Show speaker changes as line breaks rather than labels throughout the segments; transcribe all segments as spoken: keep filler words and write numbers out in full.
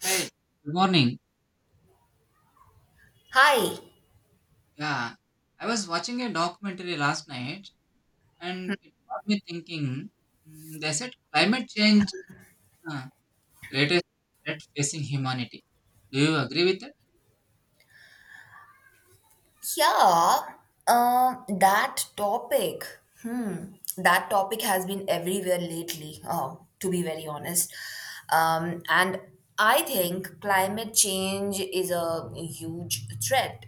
Hey, good morning.
Hi.
Yeah, I was watching a documentary last night and it got me thinking. mm, They said climate change uh, greatest threat facing humanity. Do you agree with that?
Yeah. Um. That topic. Hmm. That topic has been everywhere lately. Um. To be very honest. Um. And I think climate change is a huge threat.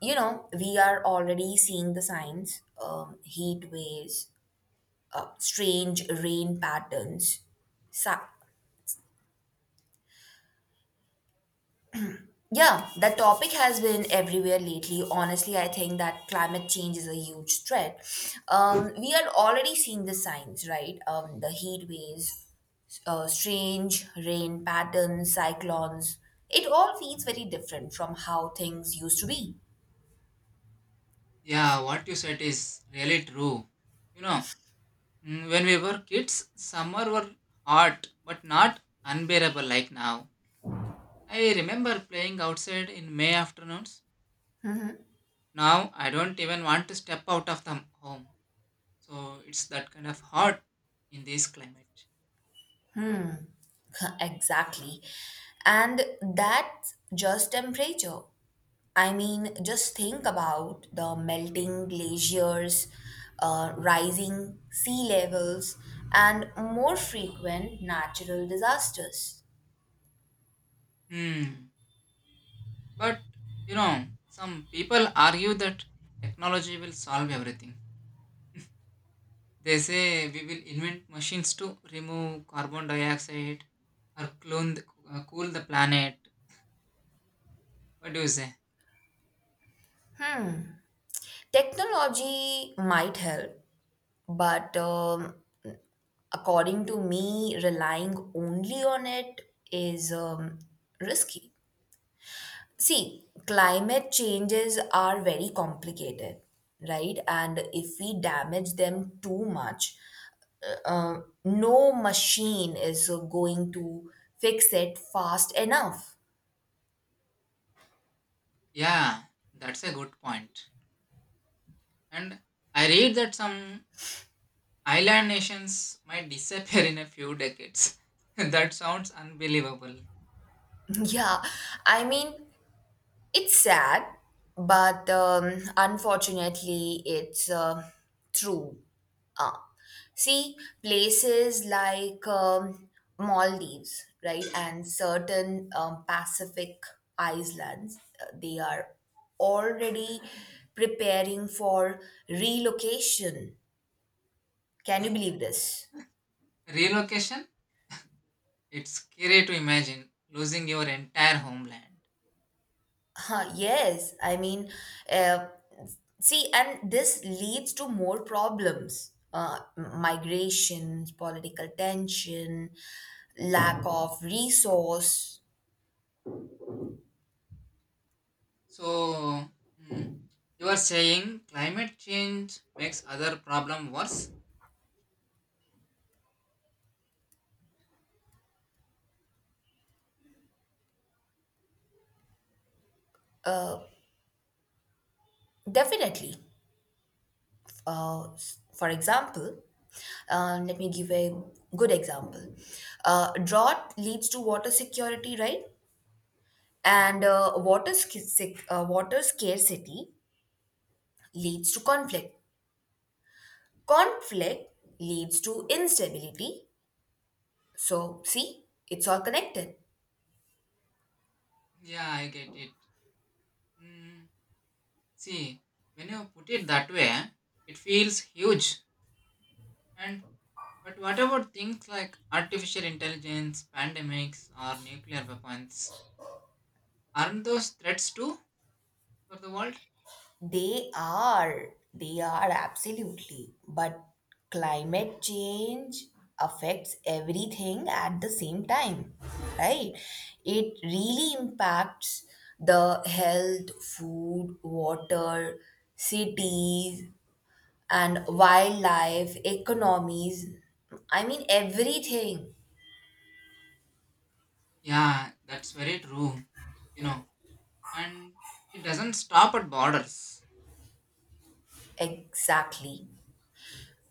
You know, we are already seeing the signs. Um. Heat waves. Uh, strange rain patterns. Yeah, that topic has been everywhere lately. Honestly, I think that climate change is a huge threat. Um, we are already seeing the signs, right? Um, the heat waves, uh, strange rain patterns, cyclones. It all feels very different from how things used to be.
Yeah, what you said is really true. You know, mm, when we were kids, summer were hot but not unbearable like now. I remember playing outside in May afternoons. Now I don't even want to step out of the home. So it's that kind of hot in this climate.
Exactly. And that's just temperature. I mean, just think about the melting glaciers, uh, rising sea levels, and more frequent natural disasters.
Hmm. But you know, some people argue that technology will solve everything. They say we will invent machines to remove carbon dioxide or clone the, uh, cool the planet. What do you say?
Technology might help, but um, according to me, relying only on it is um, risky. See, climate changes are very complicated, right? And if we damage them too much, no machine is uh, going to fix it fast enough.
Yeah, that's a good point. And I read that some island nations might disappear in a few decades. That sounds unbelievable.
Yeah, I mean, it's sad, but um, unfortunately, it's uh, true. Uh, See, places like um, Maldives, right, and certain um, Pacific islands, uh, they are already preparing for relocation. Can you believe this?
Relocation? It's scary to imagine losing your entire homeland.
Huh, yes, I mean, uh, see, and this leads to more problems. Uh, migrations, political tension, lack of resource.
So, mm, you are saying climate change makes other problem worse?
Definitely. Uh, for example, uh, let me give a good example. Uh, drought leads to water security, right?
Yeah,
And uh, water, sca- sec- uh, water scarcity leads to conflict. Conflict leads to instability. So, see, it's all connected.
yeah, I get it. Mm, see, when you put it that way, it feels huge. And but what about things like artificial intelligence, pandemics, or nuclear weapons? Aren't those threats too for the world?
They are. They are absolutely. But climate change affects everything at the same time, right? It really impacts the health, food, water, cities, and wildlife, economies. I mean, everything.
Yeah, that's very true. You know, and it doesn't stop at borders.
Exactly.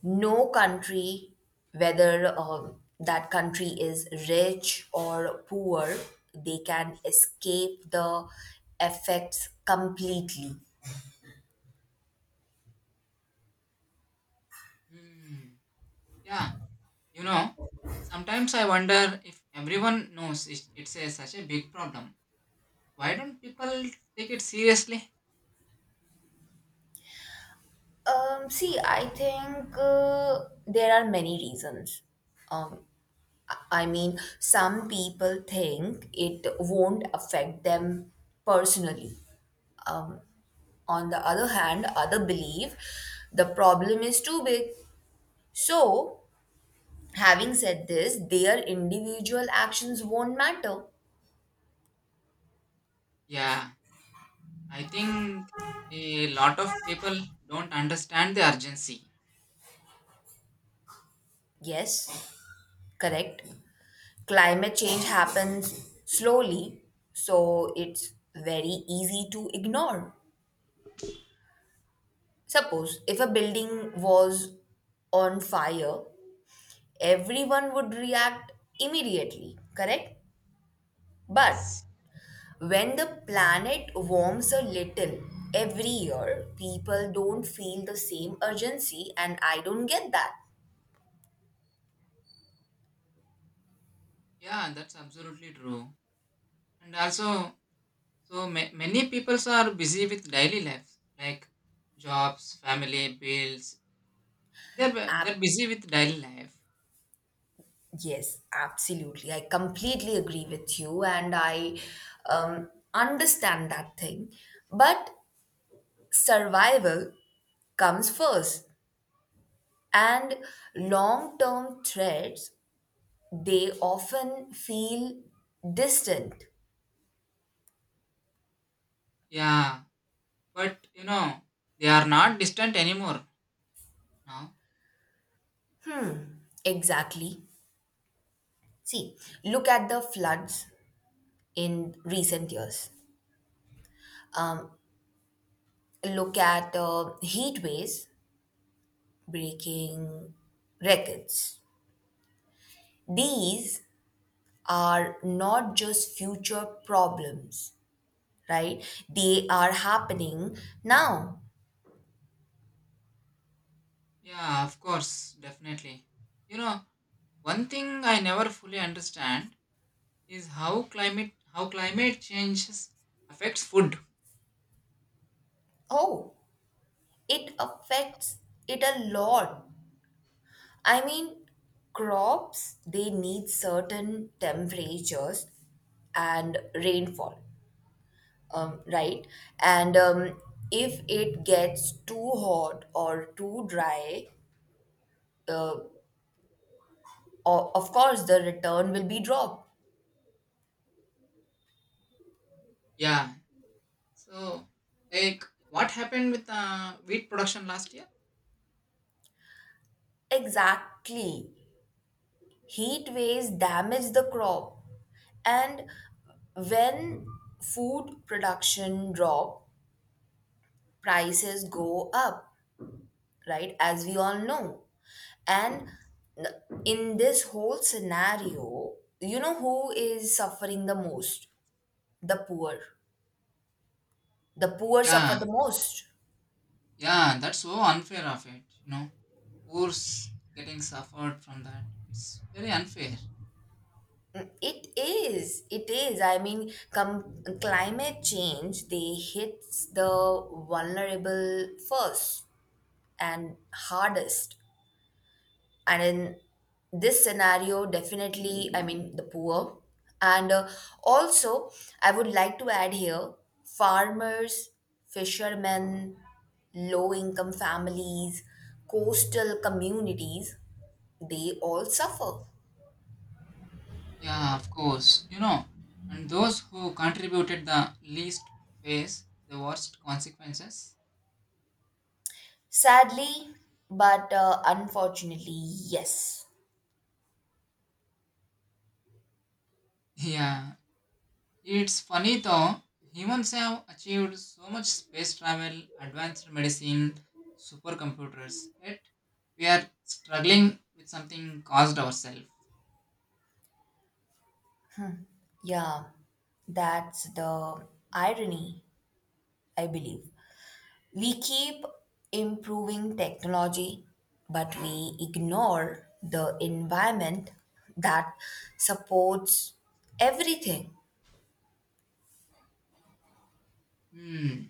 No country, whether um, that country is rich or poor, they can escape the effects completely.
Hmm. Yeah, you know, sometimes I wonder if everyone knows it- it's a, such a big problem. Why don't people take it seriously?
Um, see, I think uh, there are many reasons. Um, I I mean, some people think it won't affect them personally. Um, on the other hand, other believe the problem is too big. So, having said this, their individual actions won't matter.
Yeah, I think a lot of people don't understand the urgency.
Yes, correct. Climate change happens slowly, so it's very easy to ignore. Suppose if a building was on fire, everyone would react immediately, correct? But
Yes.
when the planet warms a little every year, people don't feel the same urgency, and I don't get that.
Yeah, that's absolutely true. And also, so ma- many people are busy with daily life, like jobs, family, bills. They're, bu- they're busy with daily life.
Yes, absolutely. I completely agree with you, and I um, understand that thing. But survival comes first, and long term threats they often feel distant.
Yeah, but you know, they are not distant anymore now.
Exactly. See, look at the floods in recent years. Um, Look
Yes.
at uh, heat waves breaking records. These are not just future problems, right? They are happening now.
Yeah, of course, definitely. You know, one thing I never fully understand is how climate how climate changes affects food.
Oh, it affects it a lot. I mean, crops, they need certain temperatures and rainfall, um, right? And um, if it gets too hot or too dry, uh, o- of course, the return will be dropped.
Yeah. So, like, what happened with uh, wheat production last year?
Exactly. Heat waves damage the crop, and when food production drop, prices go up, right? As we all know.
Yeah.
And in this whole scenario, you know who is suffering the most? The poor. The poor suffer the
yeah,
most.
yeah, that's so unfair of it. You know, poor's getting suffered from that. It's very unfair.
It is. It is. I mean, com- climate change, they hits the vulnerable first, and hardest, and in this scenario definitely, I mean the poor, and uh, also I would like to add here farmers, fishermen, low income families, coastal communities, they all suffer.
Yeah, of course. You know, and those who contributed the least face the worst consequences.
Sadly, but uh, unfortunately, yes.
Yeah, it's funny though, humans have achieved so much space travel, advanced medicine, supercomputers, yet we are struggling with something caused ourselves.
Yeah, that's the irony, I believe. We keep improving technology, but we ignore the environment that supports everything.
Hmm,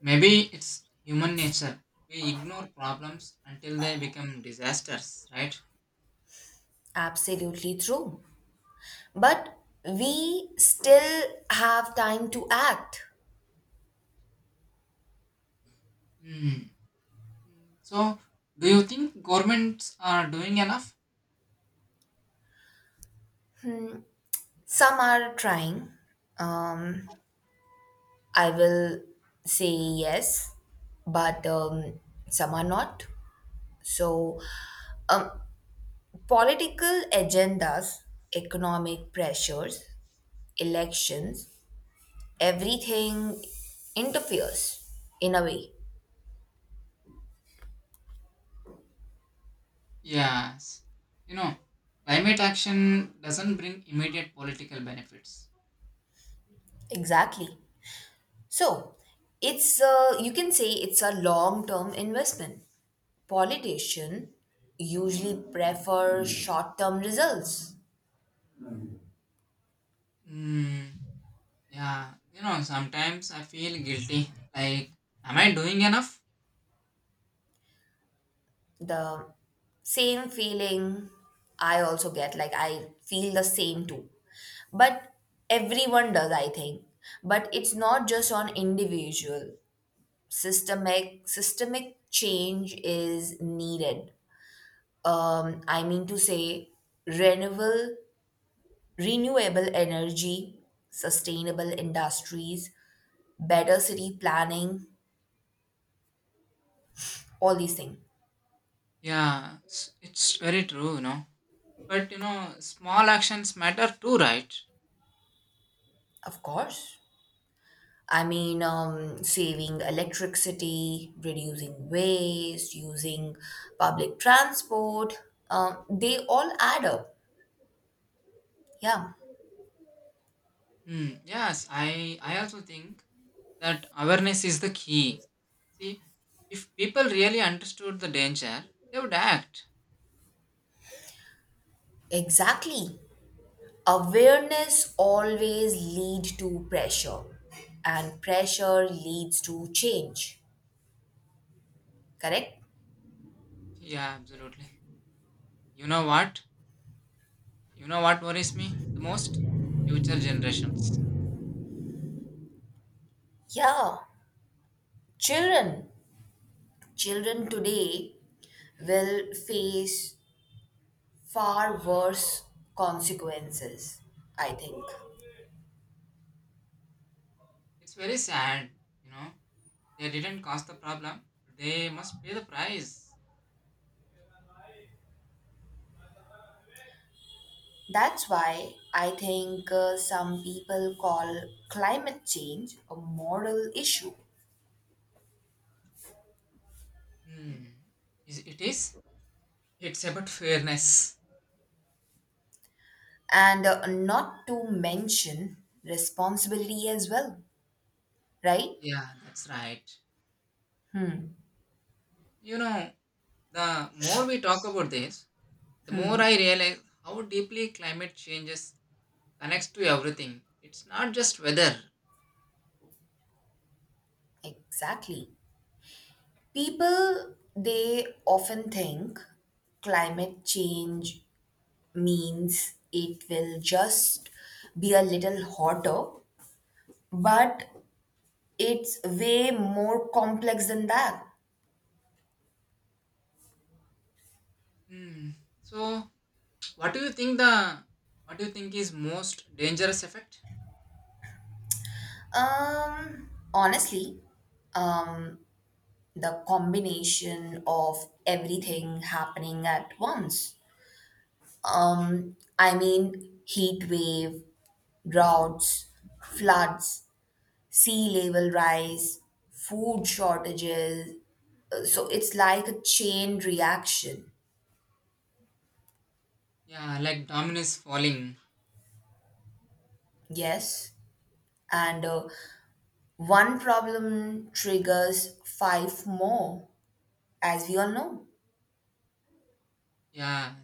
maybe it's human nature. We ignore problems until they become disasters, right?
Absolutely true. But we still have time to act.
Hmm. So, do you think governments are doing enough?
Some are trying. Um, I will say yes, but um, some are not. So, um, political agendas, economic pressures, elections, everything interferes in a way.
Yes. You know, climate action doesn't bring immediate political benefits.
Exactly. So it's a, you can say it's a long term investment. Politicians usually prefer short term results.
Hmm. Yeah, you know, sometimes I feel guilty. Like, am I doing enough?
The same feeling I also get, like I feel the same too. But everyone does, I think. But it's not just on individual. systemic systemic change is needed. um I mean to say renewable renewable energy, sustainable industries, better city planning, all these things.
Yeah, it's, it's very true, you know. But you know, small actions matter too, right?
Of course, I mean, um saving electricity, reducing waste, using public transport, um, they all add up. Yeah,
Hmm. Yes, I I also think that awareness is the key. See, if people really understood the danger, they would act.
exactly. Awareness always lead to pressure, and pressure leads to change, correct?
Yeah, absolutely. You know what? You know what worries me the most? Future generations.
Yeah, children children today will face far worse consequences, I think.
It's very sad, you know. They didn't cause the problem. They must pay the price.
That's why I think uh, some people call climate change a moral issue,
Hmm. Is it is? It's about fairness.
and uh, not to mention responsibility as well, right?
Yeah, that's right. You know, the more we talk about this, the more I realize how deeply climate changes connects to everything. It's not just weather.
Exactly. People, they often think climate change means it will just be a little hotter, but it's way more complex than that.
Hmm. So, what do you think the what do you think is most dangerous effect?
Um, honestly, um, the combination of everything happening at once. Um, I mean, heat wave, droughts, floods, sea level rise, food shortages. Uh, So it's like a chain reaction.
Yeah, like dominoes falling.
Yes. And uh, one problem triggers five more, as we all know.
Yeah,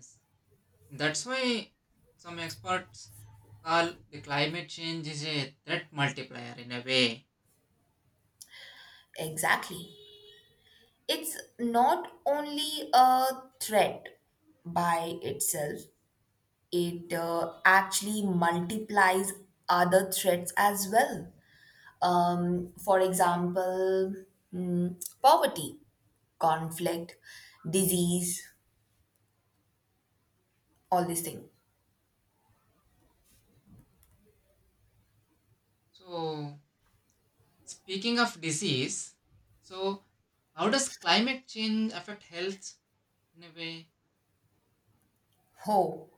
that's why some experts call the climate change is a threat multiplier in a way.
Exactly. It's not only a threat by itself, it uh, actually multiplies other threats as well. Um, for example, mm, poverty, conflict, disease, all these things.
So, speaking of disease, so how does climate change affect health in a way?
Hope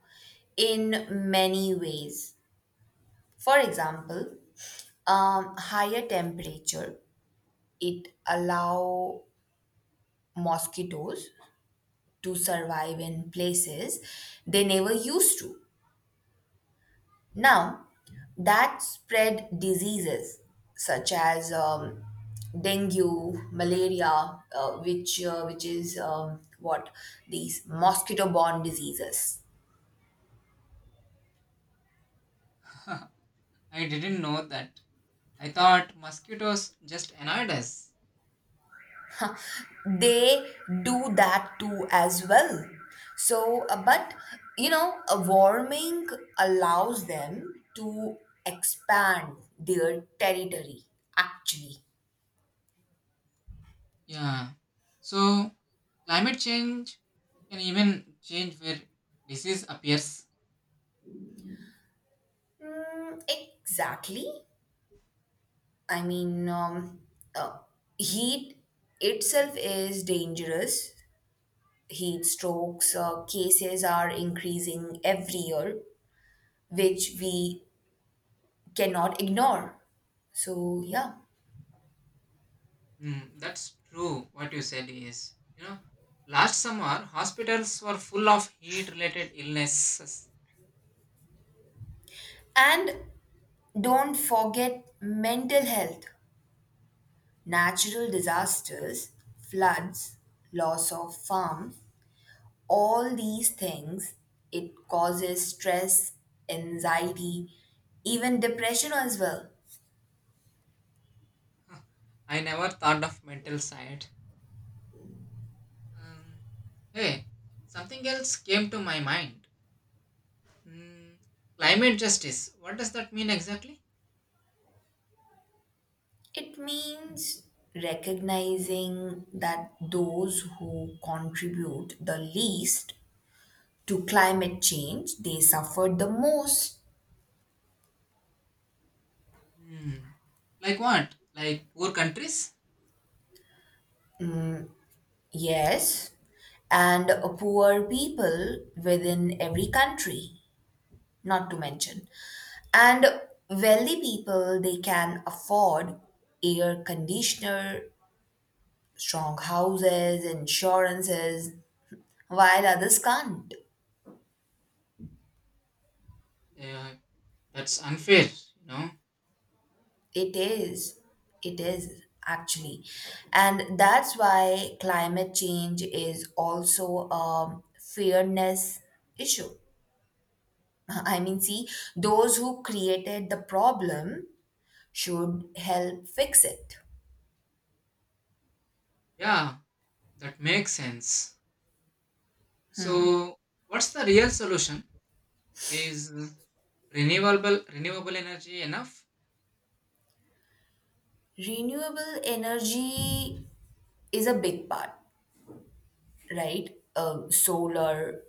in many ways. For example, um, higher temperature it allow mosquitoes to survive in places they never used to. Now, that spread diseases such as um, dengue, malaria, uh, which uh, which is um, what these mosquito-borne diseases.
I didn't know that. I thought mosquitoes just annoyed us.
They do that too as well. So, uh, but you know, a warming allows them to expand their territory. Actually,
Yeah. So climate change can even change where disease appears.
Mm, exactly. I mean, um, uh, heat itself is dangerous. Heat strokes uh, cases are increasing every year, which we cannot ignore. So, yeah.
Hmm, that's true. What you said is, you know, last summer hospitals were full of heat-related illnesses.
And don't forget mental health, natural disasters, floods, loss of farm, all these things. It causes stress, anxiety, even depression as well.
I never thought of mental side. Um, Hey, something else came to my mind. Hmm, climate justice. What does that mean exactly?
It means recognizing that those who contribute the least to climate change they suffer the most.
Hmm. Like what? Like poor countries?
Yes, and poor people within every country, not to mention. And wealthy people they can afford air conditioner, strong houses, insurances, while others can't.
Yeah, that's unfair, you know?
It is. It is actually. And that's why climate change is also a fairness issue. I mean, see, those who created the problem should help fix it.
Yeah, that makes sense. So, what's the real solution? Is renewable renewable energy enough?
Renewable energy is a big part, right? Um, solar,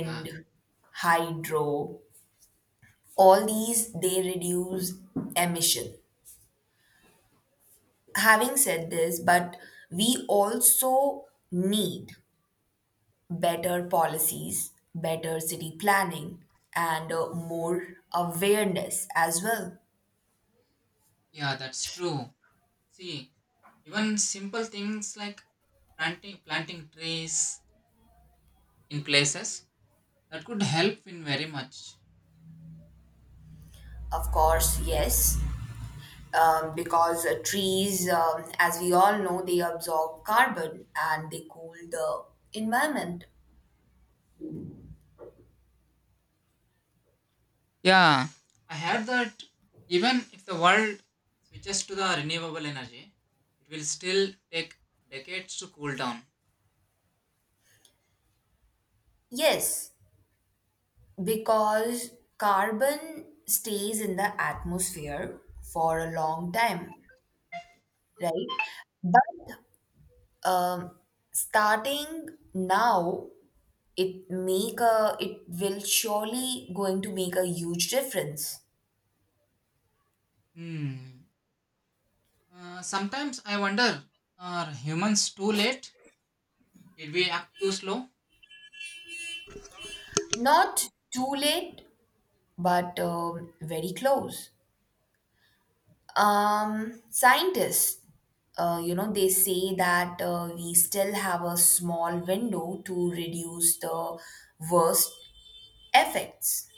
Yeah,
hydro, all these they reduce emission, having said this, but we also need better policies, better city planning, and uh, more awareness as well.
yeah, that's true. See, even simple things like planting planting trees in places that could help in very much.
Of course, yes, um, because uh, trees, um, as we all know, they absorb carbon and they cool the environment.
Yeah. I heard that even if the world switches to the renewable energy, it will still take decades to cool down.
Yes, because carbon stays in the atmosphere for a long time, right? But um, starting now it make a it will surely going to make a huge difference.
Hmm. Uh, sometimes I wonder, are humans too late? Did we act too slow?
Not too late, but um, very close. Um, scientists uh, you know they say that uh, we still have a small window to reduce the worst effects.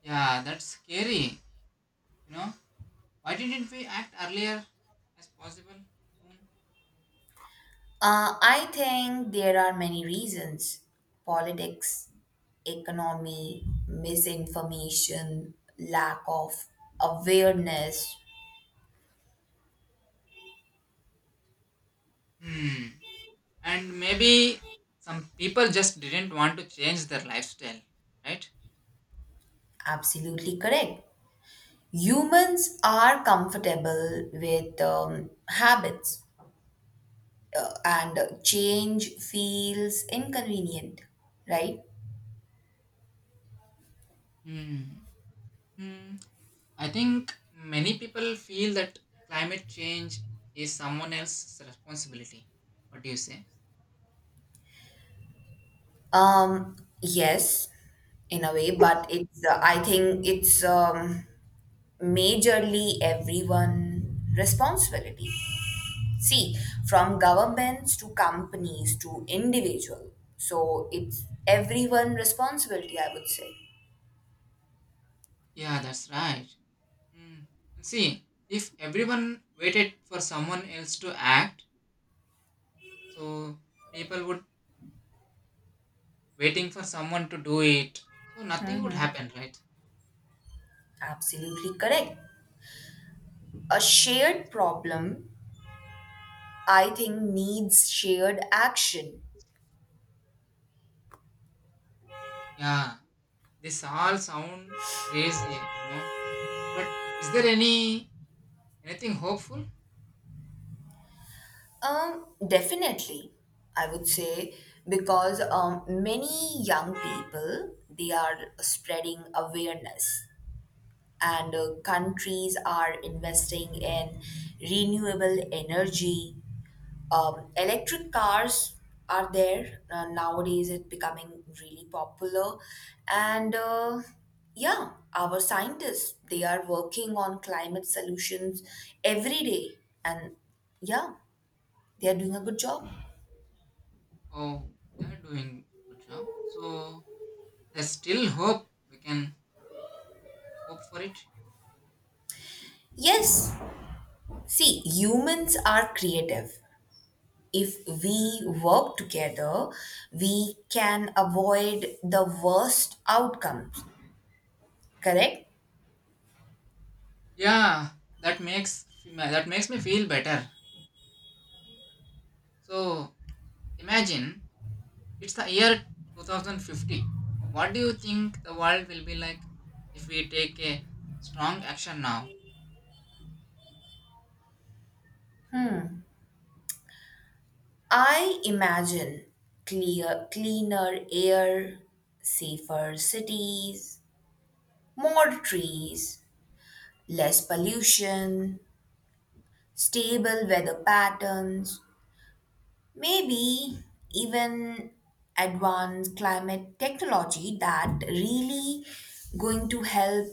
Yeah, that's scary. You know, why didn't we act earlier as possible soon?
Uh, I think there are many reasons: politics, economy, misinformation, lack of awareness.
Hmm. And maybe some people just didn't want to change their lifestyle, right?
Absolutely correct. Humans are comfortable with um, habits, uh, and change feels inconvenient, right?
Hmm. Hmm. I think many people feel that climate change is someone else's responsibility. What do you say?
Um, yes, in a way, but it's, uh, I think it's. Um, majorly everyone responsibility. See, from governments to companies to individual, so it's everyone responsibility, I would say.
Yeah, that's right. Hmm. See, if everyone waited for someone else to act, so people would waiting for someone to do it, so nothing would happen, right?
Absolutely correct. A shared problem, I think, needs shared action.
Yeah, this all sound crazy, you know. But is there any anything hopeful?
Um, definitely, I would say. Because um many young people they are spreading awareness, and uh, countries are investing in renewable energy. Um, electric cars are there uh, nowadays. It's becoming really popular, and uh, yeah, our scientists they are working on climate solutions every day, and yeah, they are doing a good job.
Oh, they're doing good job. So there's still hope. We can hope for it.
Yes, see, humans are creative. If we work together, we can avoid the worst outcomes. Correct?
Yeah, that makes that makes me feel better. So imagine it's the year twenty fifty. What do you think the world will be like if we take a strong action now?
I imagine clear, cleaner air, safer cities, more trees, less pollution, stable weather patterns, maybe even advanced climate technology that really going to help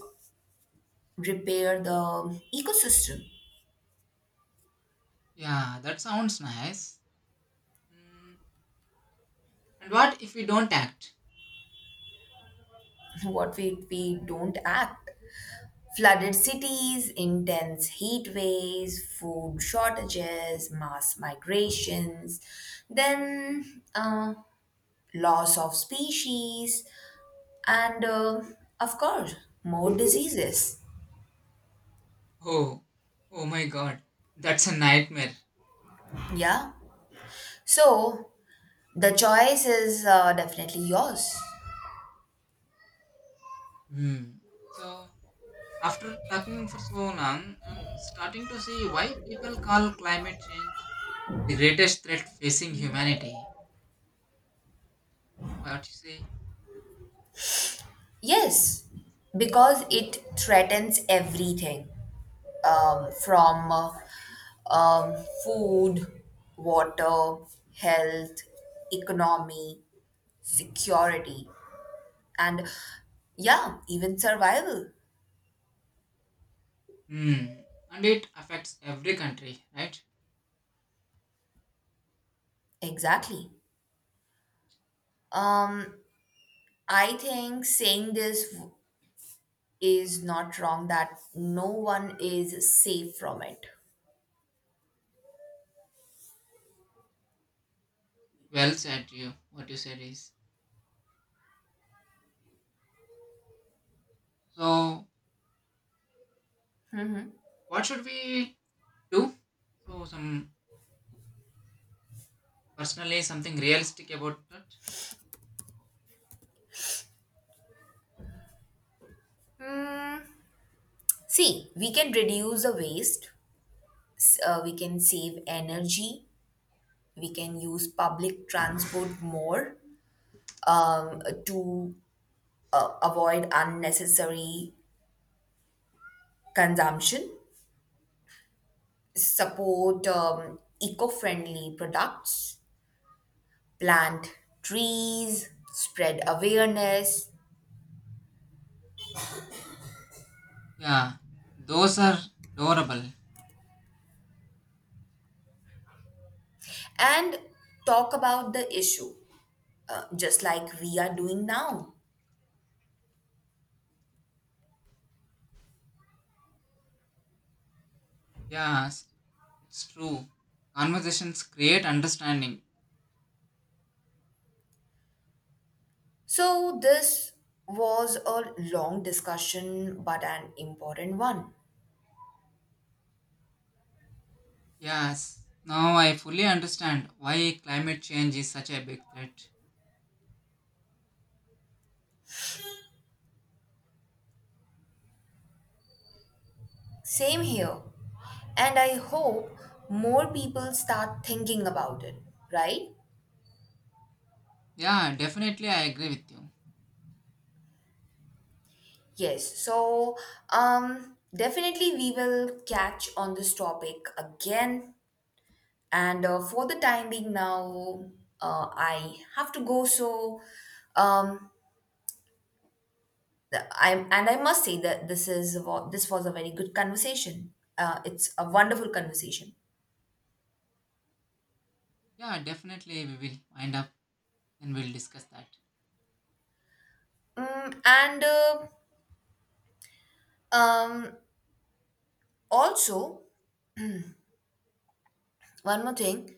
repair the ecosystem.
Yeah, that sounds nice. Mm, and what if we don't act?
What we, we don't act. Flooded cities, intense heat waves, food shortages, mass migrations, then uh, loss of species, and uh, of course, more diseases.
Oh, oh my God, that's a nightmare.
Yeah. So the choice is uh, definitely yours.
Hmm. So after talking for so long, I'm starting to see why people call climate change the greatest threat facing humanity. What you say?
Yes, because it threatens everything, um, from uh, um, food, water, health, economy, security, and yeah, even survival.
Hmm. And it affects every country, right?
Exactly. Um, I think saying this w- is not wrong that no one is safe from it.
Well said, you. What you said is. So, what should we do? So, some personally, something realistic about that.
See, we can reduce the waste, s- uh, we can save energy, we can use public transport more um, to uh, avoid unnecessary consumption, support um, eco friendly products, plant trees, spread awareness,
Yeah, those are adorable.
and talk about the issue, uh, just like we are doing now.
Yes, it's true. Conversations create understanding.
So, this was a long discussion but an important one.
Yes, now I fully understand why climate change is such a big threat.
Same here. And I hope more people start thinking about it, right?
Yeah, definitely, I agree with you.
Yes. So, um, definitely we will catch on this topic again. And uh, for the time being now, uh, I have to go. So, um, I am and I must say that this is wa- this was a very good conversation. Uh, it's a wonderful conversation.
Yeah, definitely, we will wind up and we'll discuss that.
Mm, and uh, um, also, one more thing.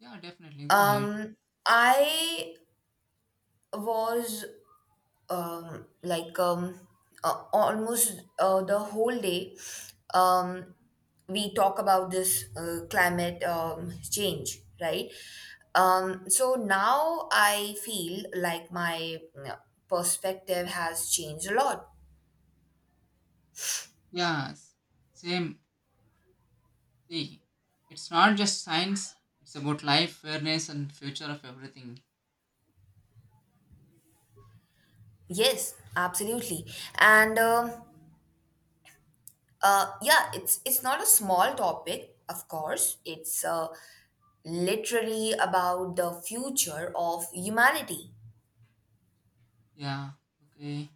Yeah, definitely, go ahead.
Um, I was um, like um, uh, almost uh, the whole day. Um, we talk about this uh, climate um, change, right? Um, so now I feel like my uh, perspective has changed a lot.
Yes, same. See, it's not just science, it's about life, fairness, and future of everything.
Yes, absolutely, and um, uh, yeah, it's it's not a small topic. Of course, it's uh, literally about the future of humanity.
Yeah, okay.